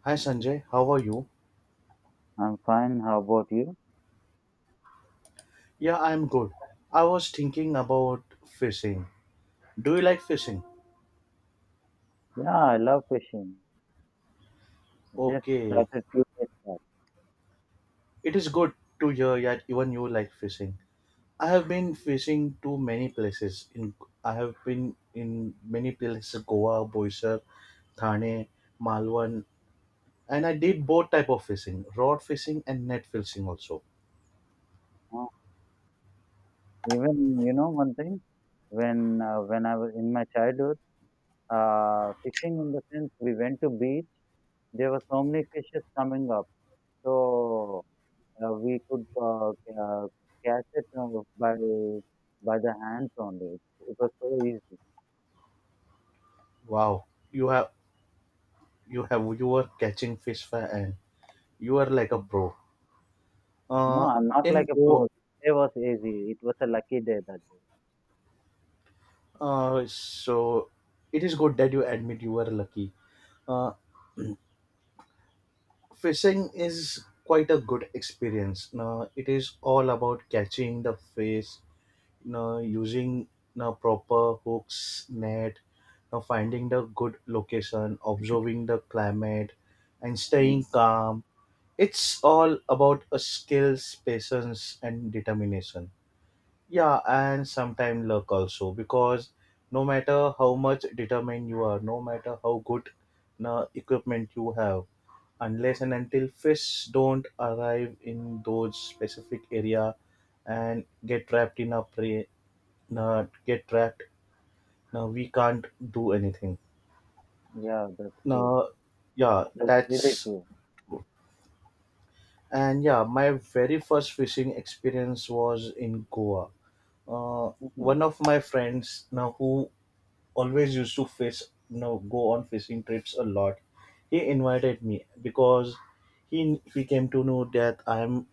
Hi Sanjay, how are you? I'm fine. How about you? Yeah, I'm good. I was thinking about fishing. Do you like fishing? Yeah, I love fishing. I just Okay, started few days back. it is good to hear that even you like fishing. I have been fishing to many places. In I have been in many places: Goa, Boisar, Thane, Malwan, and I did both type of fishing: rod fishing and net fishing also. Uh, even you know one thing, when I was in my childhood, fishing in the sense we went to beach. There were so many fishes coming up, so we could catch it by by the hands only. It was so easy. Wow, you have you have you were catching fish, and you are like a Mm. pro. No, Uh, I'm not in like a Goa. pro. It was easy. It was a lucky day that day. So it is good that you admit you were lucky. Uh, Fishing is quite a good experience. Now it is all about catching the fish, now using now proper hooks, net, now finding the good location, observing the climate, and staying Mm. calm. It's all about a skills, patience, and determination. Yeah, and sometimes luck also, because no matter how much determined you are, no matter how good na equipment you have, unless and until fish don't arrive in those specific area and get trapped in a prey, na get trapped, na we can't do anything. Yeah, that's good. Now, yeah, That's really that's true. and yeah, my very first fishing experience was in Goa. Uh, One of my friends now who always used to fish, you know, go on fishing trips a lot, he invited me because he came to know that I'm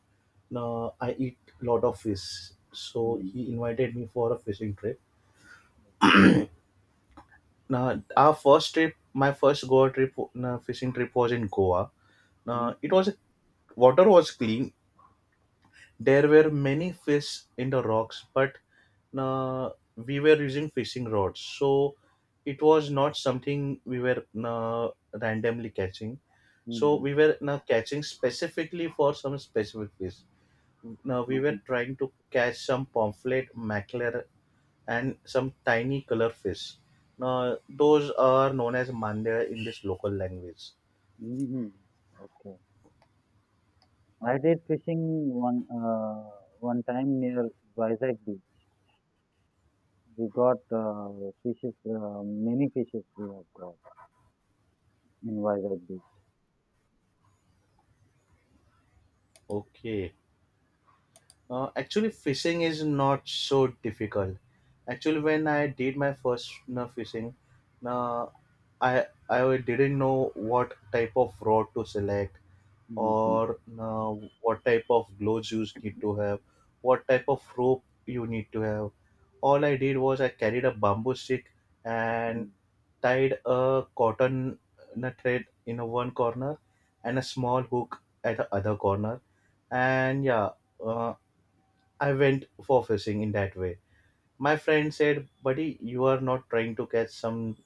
I eat a lot of fish, so Mm, he invited me for a fishing trip. Now our first trip, my first Goa trip, fishing trip was in Goa. Now it mm, was, water was clean. There were many fish in the rocks, but uh, we were using fishing rods, so it was not something we were randomly catching. So mhm, we were catching specifically for some specific fish. Now we were mhm, trying to catch some pamphlet, mackerel, and some tiny color fish. Now those are known as mandya in this local language. mhm. Okay. I did fishing one uh, one time near Vizag Beach. We got fishes, many fishes we have got in Vizag Beach. Okay. Actually, fishing is not so difficult. Actually, when I did my first no, fishing, no, I didn't know what type of rod to select Mhm, or no, what type of gloves you need to have, what type of rope you need to have. All I did was I carried a bamboo stick and mhm. tied a cotton no, thread in a one corner and a small hook at the other corner, and yeah, uh, I went for fishing in that way. My friend said, "Buddy, you are not trying to catch some.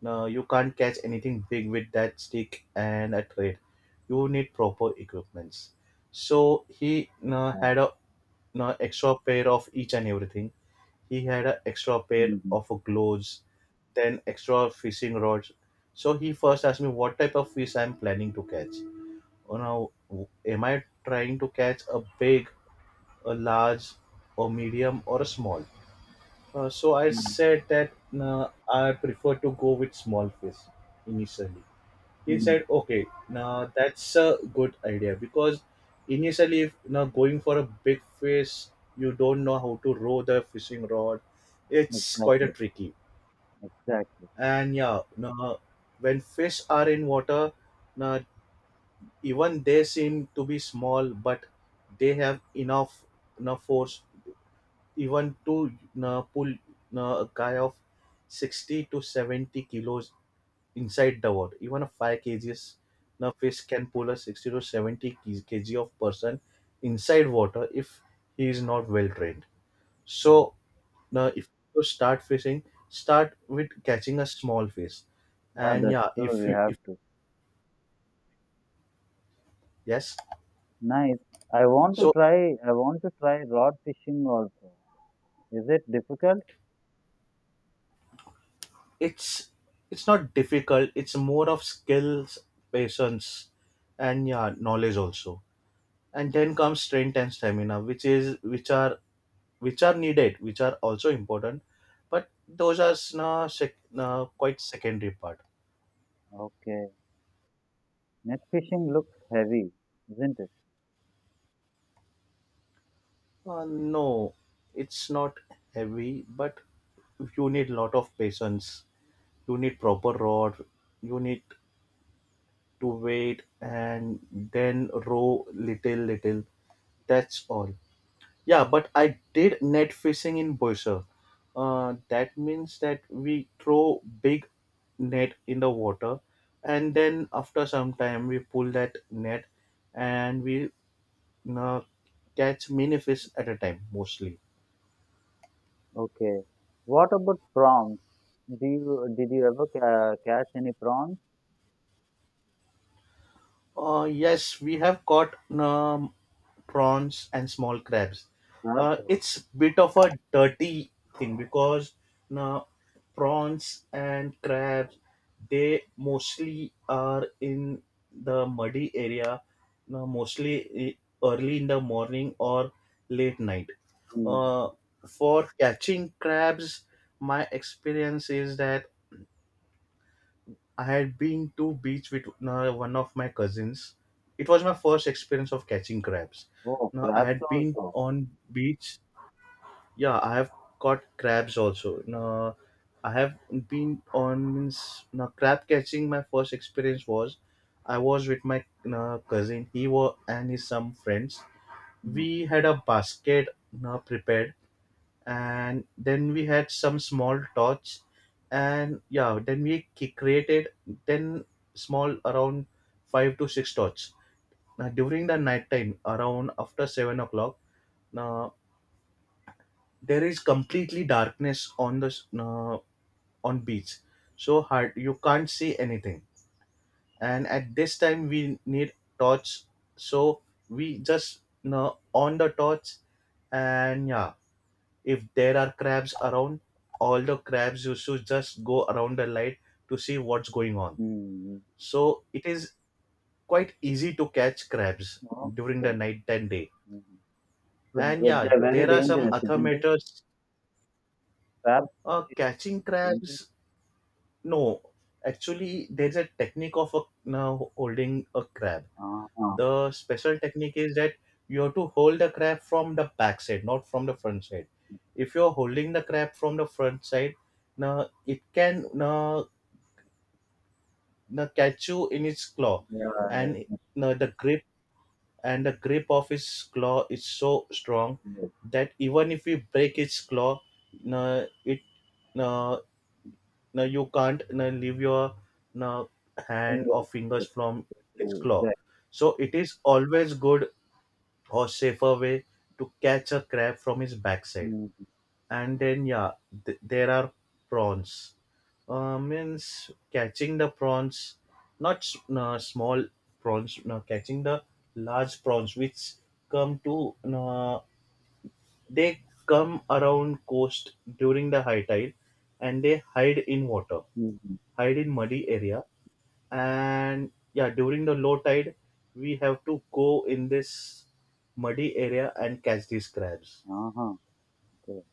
No, you can't catch anything big with that stick and a thread. You need proper equipments." So he no, Yeah. had a no, extra pair of each and everything. He had an extra pair Mhm, of gloves, then extra fishing rods. So he first asked me what type of fish I'm planning to catch. Oh, now, w- am I trying to catch a big, a large, a medium, or a small? So I mhm, said that I prefer to go with small fish initially. He mhm. said, "Okay, now that's a good idea because initially, if now going for a big fish, you don't know how to row the fishing rod. It's quite a Exactly, tricky. exactly. And yeah, now when fish are in water, now even they seem to be small, but they have enough force even to pull a guy of 60 to 70 kilos inside the water. Even a 5 kgs now fish can pull a 60 to 70 kg of person inside water if he is not well trained. So now if you start fishing, start with catching a small fish. Yeah, And that's yeah, true. if We you have if to. yes, Nice. I want to so try. I want to try rod fishing also. Is it difficult? it's it's not difficult, it's more of skills, patience, and yeah knowledge also. And then comes strength and stamina, which is, which are, which are needed, which are also important, but those are s- na sec, na quite secondary part. Okay. Net fishing looks heavy, isn't it? No, it's not heavy, but you need lot of patience, you need proper rod, you need to wait and then row little little, that's all. Yeah, but I did net fishing in Boisar. That means that we throw big net in the water, and then after some time we pull that net, and we uh, catch many fish at a time mostly. Okay. What about prawns? Do you did you ever catch any prawns? Yes, we have caught um, prawns and small crabs. Crabs. It's bit of a dirty thing because now prawns and crabs, they mostly are in the muddy area, now mostly e- early in the morning or late night. Mm. Uh, for catching crabs, my experience is that I had been to beach with one of my cousins. It was my first experience of catching crabs. Oh, Now I crabs had been also. on beach. Yeah, I have caught crabs also. Now I have been on means now crab catching. My first experience was I was with my cousin. He was and his some friends. Mm. We had a basket now prepared, and then we had some small torch, and yeah then we ki- created 10 small, around 5 to 6 torch. Now during the night time around after 7 o'clock, now there is completely darkness on the s- on beach, so hard you can't see anything. And at this time we need torch. So we just on the torch, and yeah, if there are crabs around, all the crabs used to just go around the light to see what's going on. Mm. So it is quite easy to catch crabs during the Okay. night and day. Mm. But, And but yeah, they're very there are some dangerous, isn't it? automators Crabs, catching isn't it? crabs. No, actually, there's a technique of a, now holding a crab. Uh-huh. The special technique is that you have to hold the crab from the back side, not from the front side. If you're holding the crab from the front side, now it can now catch you in its claw, Yeah. and no, the grip of its claw is so strong Yes. that even if you break its claw, no, it no, no, you can't no, leave your no, hand Yes. or fingers Yes. from its claw. Yes. So it is always good or safer way to catch a crab from its backside. Mm. And then yeah th- there are prawns, means catching the prawns, not s- small prawns, no, catching the large prawns, which come to they come around coast during the high tide, and they hide in water, Mm. hide in muddy area. And yeah during the low tide, we have to go in this muddy area and catch these crabs. Uh-huh. Okay.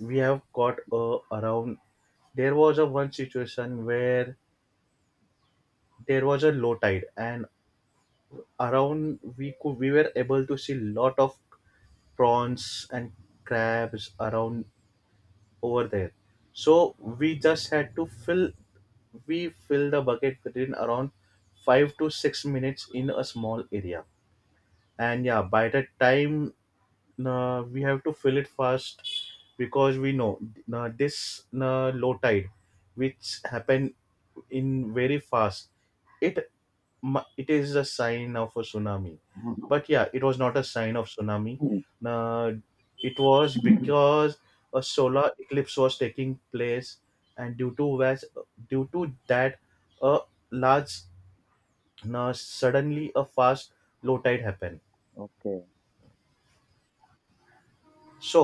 We have got around, there was a one situation where there was a low tide, and around we could, we were able to see lot of prawns and crabs around over there. So we just had to fill, we fill the bucket within around 5 to 6 minutes in a small area. And yeah by the time, we have to fill it fast because we know this low tide which happened in very fast, it mu- it is a sign of a tsunami. Uh-huh. But yeah it was not a sign of tsunami. Mm. uh, it was because a solar eclipse was taking place, and due to was due to that, a large, suddenly a fast low tide happened. Okay. So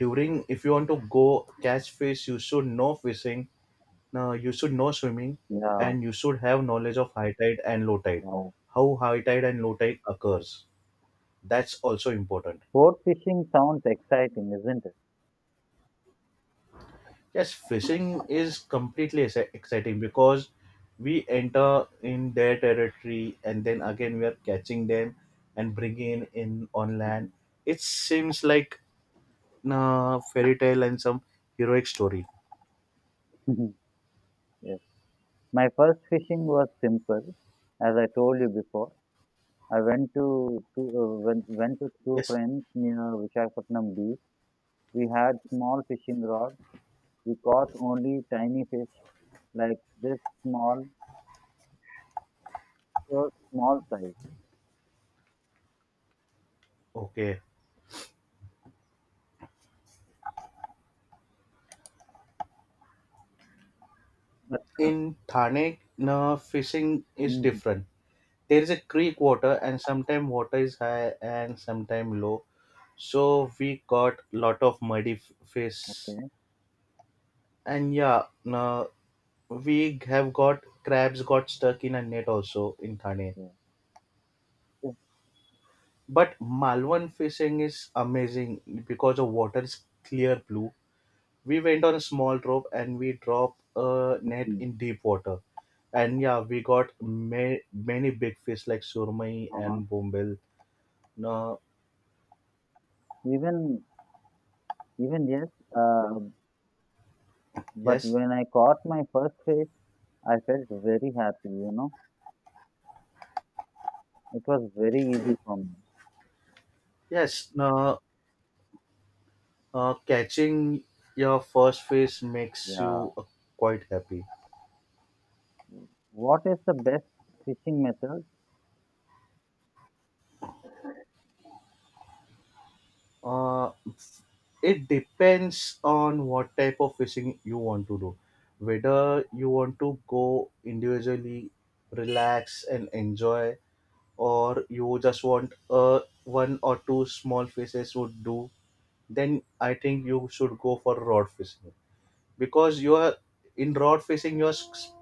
during, if you want to go catch fish, you should know fishing. Now, you should know swimming, Yeah. and you should have knowledge of high tide and low tide, Wow. how high tide and low tide occurs. That's also important. Boat fishing sounds exciting, isn't it? Yes, fishing is completely ex- exciting because we enter in their territory and then again we are catching them and bringing in on land. It seems like a fairy tale and some heroic story. Mm. Yeah. My first fishing was simple. As I told you before, I went to went, went with two Yes. friends near Visakhapatnam beach. We had small fishing rod. We caught only tiny fish like this small, so small size. Okay. But, In Thane, na fishing is mhm, different. There is a creek water and sometimes water is high and sometimes low, so we got lot of muddy f- fish. okay, And yeah no, we have got crabs got stuck in a net also in Thane. okay. Yes, But Malwan fishing is amazing because the water is clear blue. We went on a small rope and we dropped a net mhm, in deep water, and yeah we got ma- many big fish like surmai uh-huh. and bombel. No, Even even yes. Uh, but yes. when I caught my first fish, I felt very happy. It was very easy for me. Yes, no, catching your first fish makes Yeah. you quite happy. What is the best fishing method? Uh, it depends on what type of fishing you want to do. Whether you want to go individually, relax and enjoy, or you just want one or two small fishes would do, then I think you should go for rod fishing. Because you are, in rod fishing, you are s-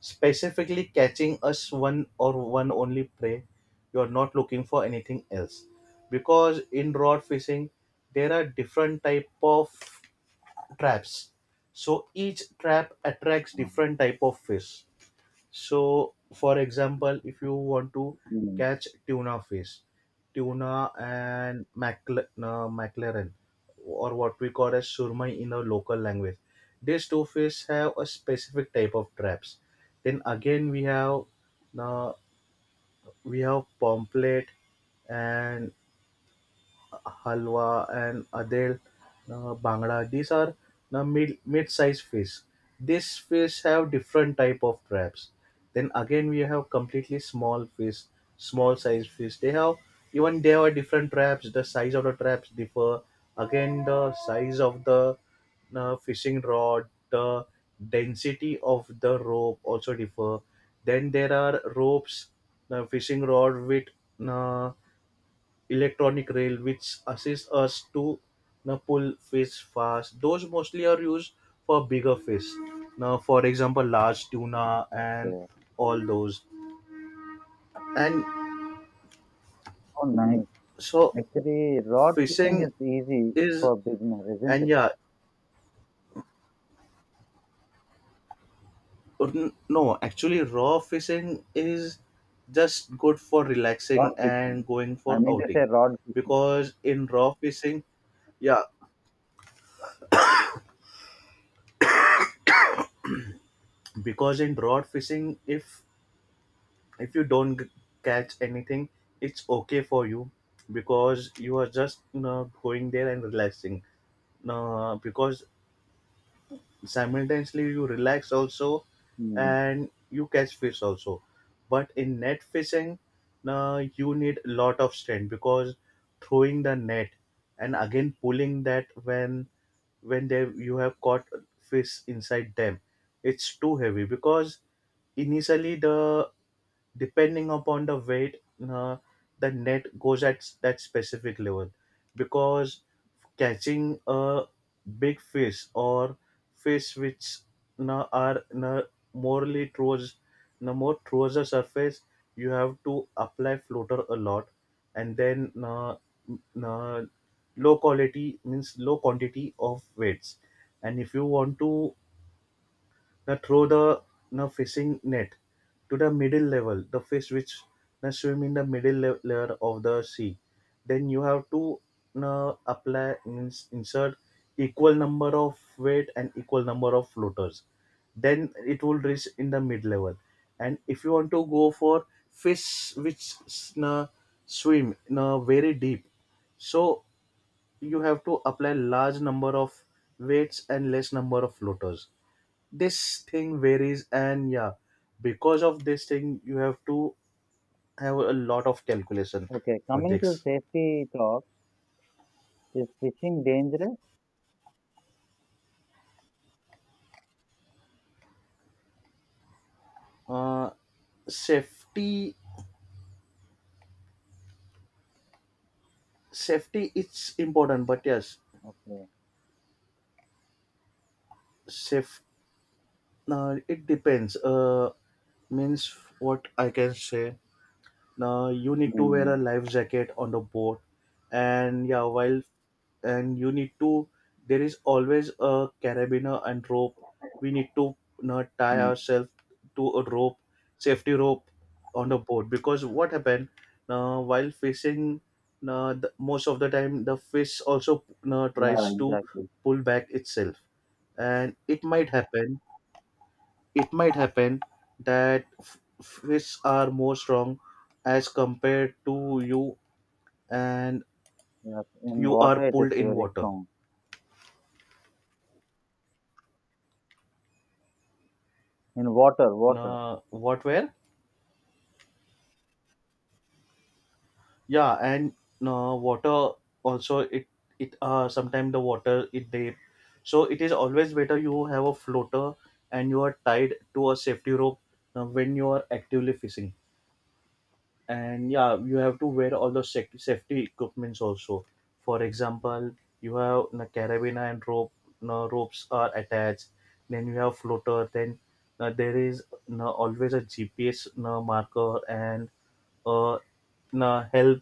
specifically catching us one or one only prey, you're not looking for anything else, because in rod fishing there are different type of traps, so each trap attracts Oh, different type of fish. So, for example, if you want to mm. catch tuna fish, tuna and macle- mackerel, or what we call as surmai in our local language, these two fish have a specific type of traps. Then again, uh, we have pomfret and halwa, and adel bangda. These are the mid-sized fish. These fish have different type of traps. Then again, we have completely small fish, small size fish. They have Even they have different traps. The size of the traps differ. Again, the size of the fishing rod, the density of the rope also differ. Then there are ropes, fishing rod with uh, electronic rail which assist us to now pull fish fast, those mostly are used for bigger fish, now for example large tuna and Okay. all those. And Oh, nice. so Actually, rod fishing fishing is easy is, for beginner, isn't and it? yeah, no, actually raw fishing is just good for Rod relaxing fishing. and going I for mean to outing. say rod fishing. Because in raw fishing, yeah, because in raw fishing, if you don't catch anything, it's okay for you because you are just going there and relaxing, because simultaneously you relax also Hmm. and you catch fish also. But in net fishing, you need a lot of strength because throwing the net and again pulling that when they you have caught fish inside them, it's too heavy because initially the, depending upon the weight, uh, the net goes at that specific level. Because catching a big fish or fish which na are na morely towards, na more towards the surface, you have to apply floater a lot. And then na, na low quality means low quantity of weights. And if you want to now throw the na fishing net to the middle level, the fish which now swim in the middle layer of the sea. Then you have to now apply means insert equal number of weight and equal number of floaters. Then it will reach in the mid level. And if you want to go for fish which s- na swim now very deep, so you have to apply large number of weights and less number of floaters. This thing varies, and yeah, because of this thing you have to have a lot of calculation Okay. for Coming to this. safety talk, is fishing dangerous? uh safety safety, it's important, but yes, Okay. safe it depends, means, what I can say. Now you need to wear a Hmm. life jacket on the boat, and yeah, while, and you need to, there is always a carabiner and rope. We need to, you tie Hmm. ourselves to a rope, safety rope, on the boat because what happened, now while fishing, now the, most of the time the fish also you tries Yeah, to exactly. pull back itself, and it might happen, it might happen that fish are more strong as compared to you, and Yes. In you are water, it is pulled in very water. strong. In water, water. What where Yeah, and water, also it, sometimes the water it deep. So it is always better you have a floater and you are tied to a safety rope, when you are actively fishing. And yeah, you have to wear all the safety equipments also. For example, you have the carabiner and rope, no ropes are attached, then you have floater, then there is no always a GPS, no marker, and uh, no help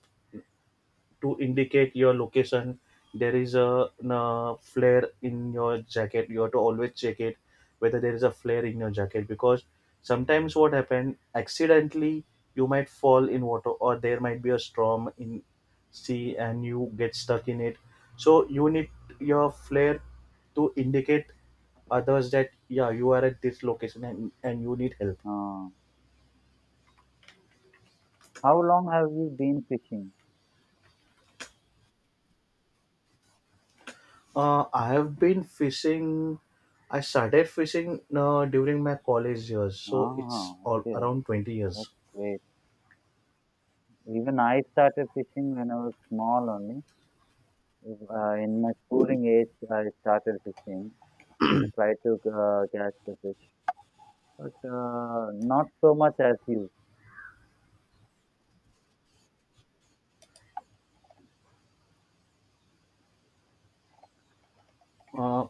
to indicate your location. There is a, flare in your jacket, you have to always check it whether there is a flare in your jacket because sometimes what happened accidentally you might fall in water or there might be a storm in sea and you get stuck in it. So you need your flare to indicate others that yeah, you are at this location, and you need help. Ah. How long have you been fishing? I have been fishing. I started fishing, during my college years, so it's Ah, all okay. around 20 years. That's great. Even I started fishing when I was small only. In my schooling age, I started fishing. I tried to catch the fish, but not so much as you. Uh,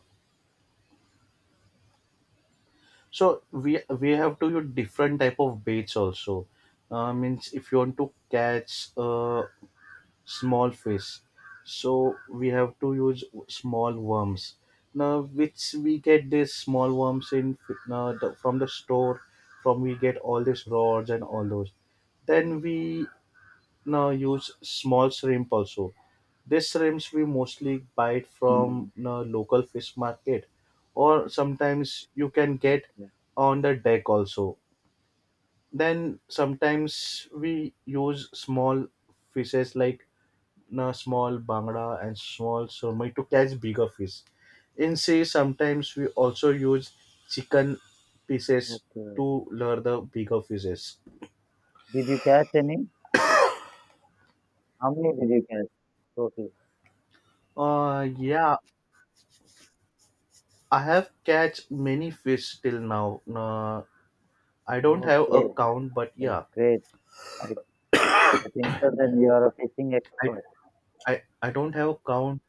so we have to use different type of baits also. Means if you want to catch small fish, so we have to use small worms. Now, which we get these small worms in, the, from the store, from we get all these rods and all those. Then we now use small shrimp also. These shrimps we mostly buy it from Mm. the local fish market, or sometimes you can get Okay. on the deck also. Then sometimes we use small fishes like na small bangda and small surmai to catch bigger fish. In sea, sometimes we also use chicken pieces Okay. to lure the bigger fishes. Did you catch any? How many did you catch? Totally. Yeah, I have catch many fish till now. I don't have a Okay, count, but that's yeah, great. I, I think so then you are a fishing I, expert. I don't have a count.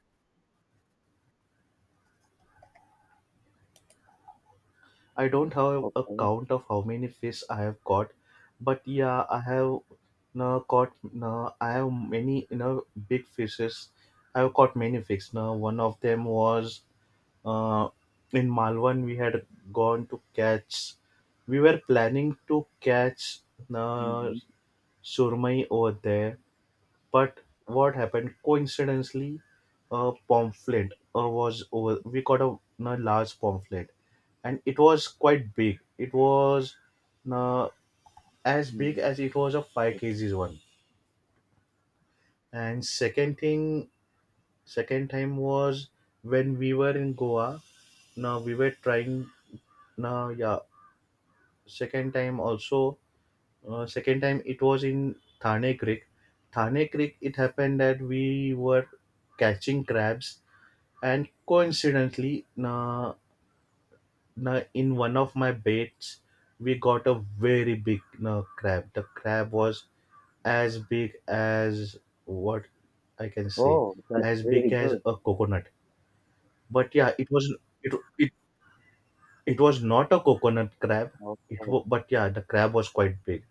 I don't have a Okay. count of how many fish I have caught, but yeah, I have no caught. No, I have many big fishes. I have caught many fish. Now one of them was uh, in Malwan. We had gone to catch. We were planning to catch uh, Mm-hmm. surmai over there. But what happened coincidentally, a pamphlet was over. We got a large pamphlet, and it was quite big. It was uh, as big Mm-hmm. as, it was a five Okay. kgs one. And second thing, second time was when we were in Goa. Now we were trying. Now yeah, second time also. Second time it was in Thane Creek. Thane Creek. It happened that we were catching crabs. And coincidentally, na in one of my baits, we got a very big, crab. The crab was as big as, what I can say, Oh, that's as really big as good. a coconut. But yeah, it was, it it, it was not a coconut crab. Okay. But yeah, the crab was quite big.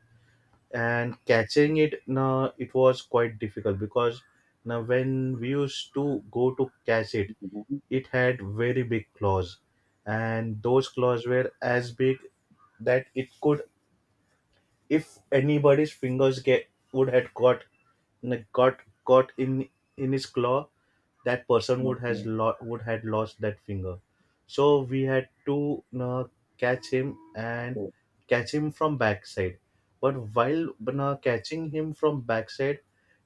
And catching it, now, it was quite difficult because now when we used to go to catch it, Mm-hmm. it had very big claws, and those claws were as big that it could, if anybody's fingers get would had got, like, got caught in his claw, that person Okay. Would had lost that finger. So we had to catch him and Okay. catch him from backside. But while catching him from backside,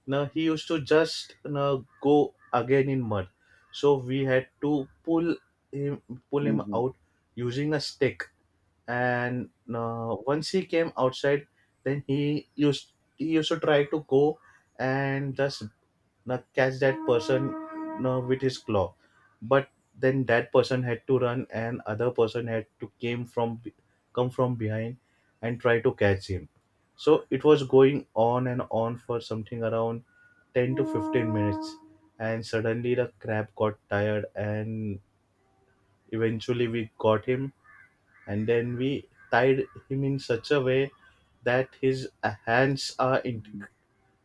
now he used to just go again in mud. So we had to him pull him Mm-hmm. out using a stick, and once he came outside, then he used to try to go and just catch that person with his claw. But then that person had to run and other person had to came from come from behind and try to catch him. So it was going on and on for something around 10 to 15 minutes, and suddenly the crab got tired and eventually we got him. And then we tied him in such a way that his hands are in, Mm-hmm.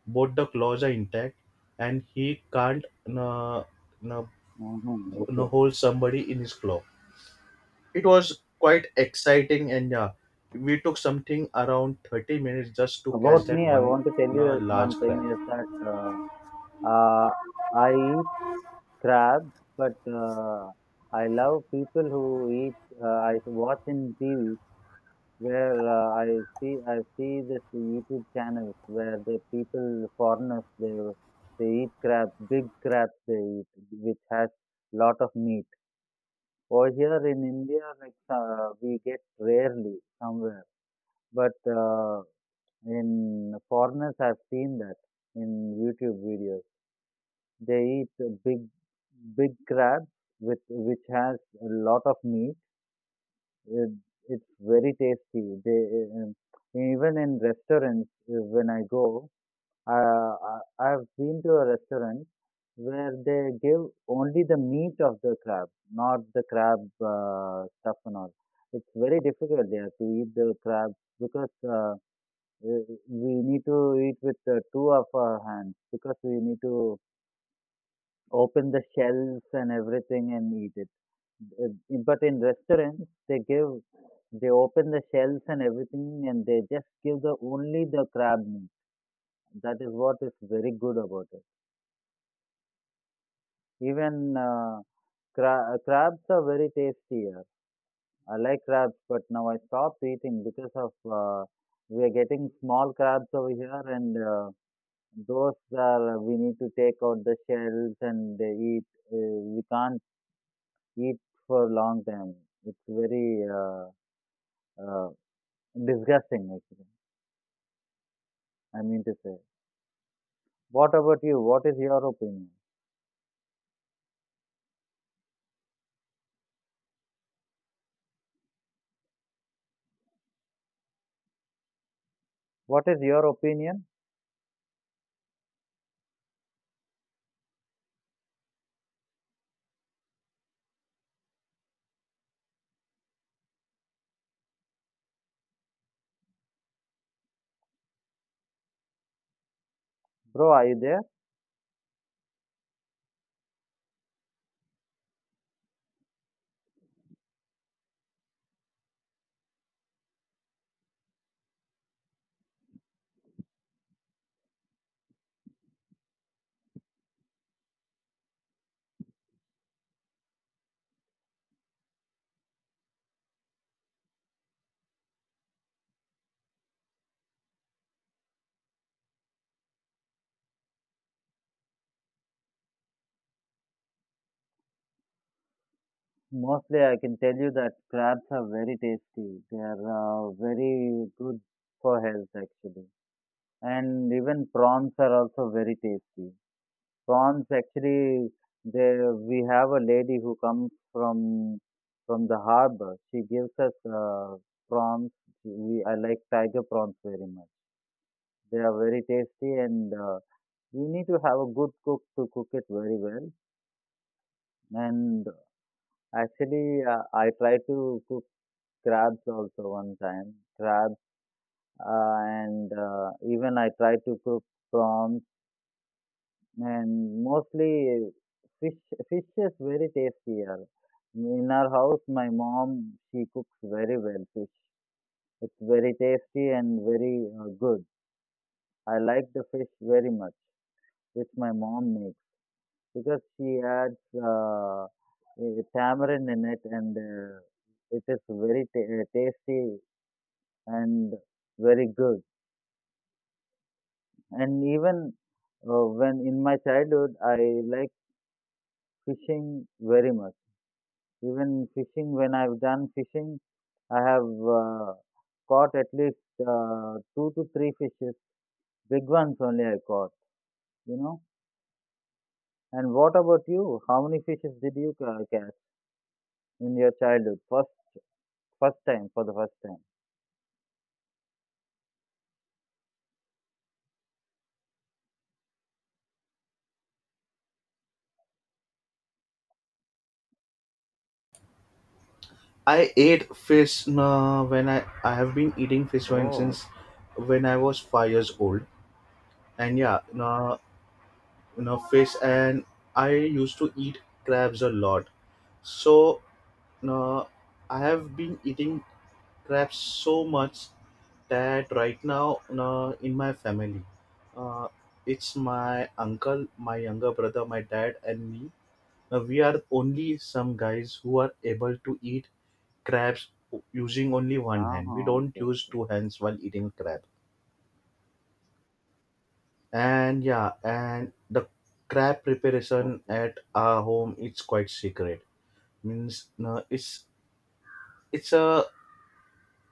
both the claws are intact, and he can't uh, uh, Mhm, okay. hold somebody in his claw. It was quite exciting. And yeah, we took something around 30 minutes just to catch About that me, I one want to tell you is large one thing crab. is that uh, I eat crabs, but I love people who eat. I watch in TV where I see this YouTube channels where the people foreigners they eat crabs, big crabs they eat, which has lot of meat. Over here in India, like we get rarely somewhere, but. In foreigners I have seen that in YouTube videos. They eat a big big crabs with which has a lot of meat. It, it's very tasty. They even in restaurants when I go, I've been to a restaurant where they give only the meat of the crab, not the crab stuff and all. It's very difficult there to eat the crab because. We we need to eat with two of our hands because we need to open the shells and everything and eat it. But in restaurants, they open the shells and everything and they just give the only the crab meat. That is what is very good about it. Even crabs are very tasty here. I like crabs, but now I stopped eating because of we are getting small crabs over here and those are we need to take out the shells and eat. We can't eat for long time. It's very uh, disgusting, actually. I mean to say. What about you? What is your opinion? What is your opinion, bro? Are you there? Mostly, I can tell you that crabs are very tasty. They are very good for health, actually. And even prawns are also very tasty. Prawns actually there we have a lady who comes from the harbor. She gives us uh, prawns. We I like tiger prawns very much. They are very tasty and you need to have a good cook to cook it very well. And actually I tried to cook crabs also one time. Crabs uh, and even I tried to cook prawns. And mostly fish fish is very tasty here. In our house, my mom, she cooks very well fish. It's very tasty and very good. I like the fish very much, which my mom makes because she adds uh, tamarind in it and it is very tasty and very good. And even when in my childhood, I like fishing very much. Even fishing, when I've done fishing, I have caught at least two to three fishes, big ones only I caught, you know. And what about you? How many fishes did you catch in your childhood? First, first time, for the first time. I ate fish When I have been eating fish, when Oh, since, when I was 5 years old, and yeah, uh, fish, and I used to eat crabs a lot. So uh, I have been eating crabs so much that right now in my family, uh, it's my uncle, my younger brother, my dad, and me. We are only some guys who are able to eat crabs using only one hand. We uh-huh, don't okay, use okay, two hands while eating crab. And yeah, and the crab preparation okay. at our home, it's quite secret. Means, no, it's a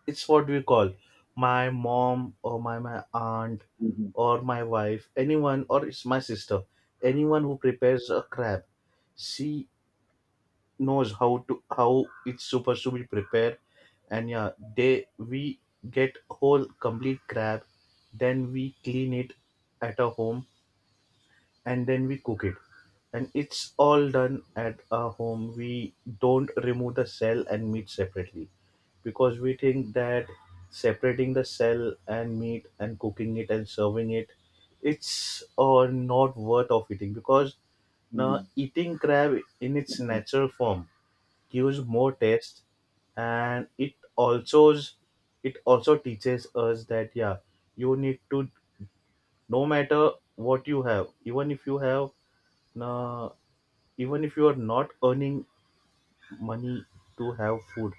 it's what we call, my mom or my aunt, Mm-hmm. or my wife, anyone, or it's my sister, anyone who prepares a crab, she knows how to, how it's supposed to be prepared. And yeah, they we get whole complete crab, then we clean it at a home, and then we cook it. And it's all done at our home. We don't remove the cell and meat separately because we think that separating the cell and meat and cooking it and serving it, it's not worth of eating, because now Mm. eating crab in its Mm. natural form gives more taste. And it also, teaches us that yeah, you need to, no matter what you have, even if you have, now, even if you are not earning money to have food,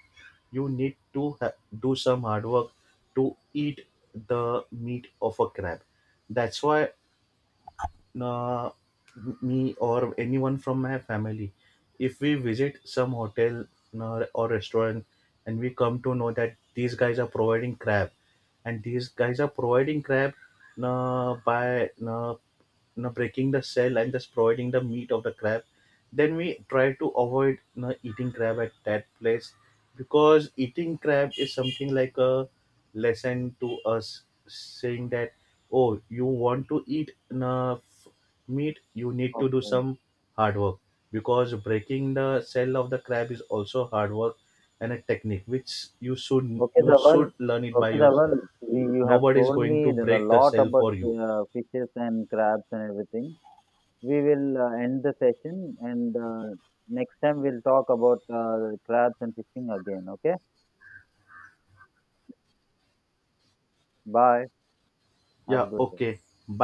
you need to do some hard work to eat the meat of a crab. That's why uh, me or anyone from my family, if we visit some hotel or restaurant and we come to know that these guys are providing crab, and these guys are providing crab by, know, breaking the shell and just providing the meat of the crab, then we try to avoid you eating crab at that place, because eating crab is something like a lesson to us saying that, oh, you want to eat enough meat, you need to do Okay. some hard work, because breaking the shell of the crab is also hard work, and a technique which Okay, you Dhaval. should learn it by Okay, Dhaval. yourself. You have Nobody is told going me to there are a break the lot shell about for you. Fishes and crabs and everything. We will end the session and next time we'll talk about crabs and fishing again. Okay. Bye. Have a Yeah, good day. okay.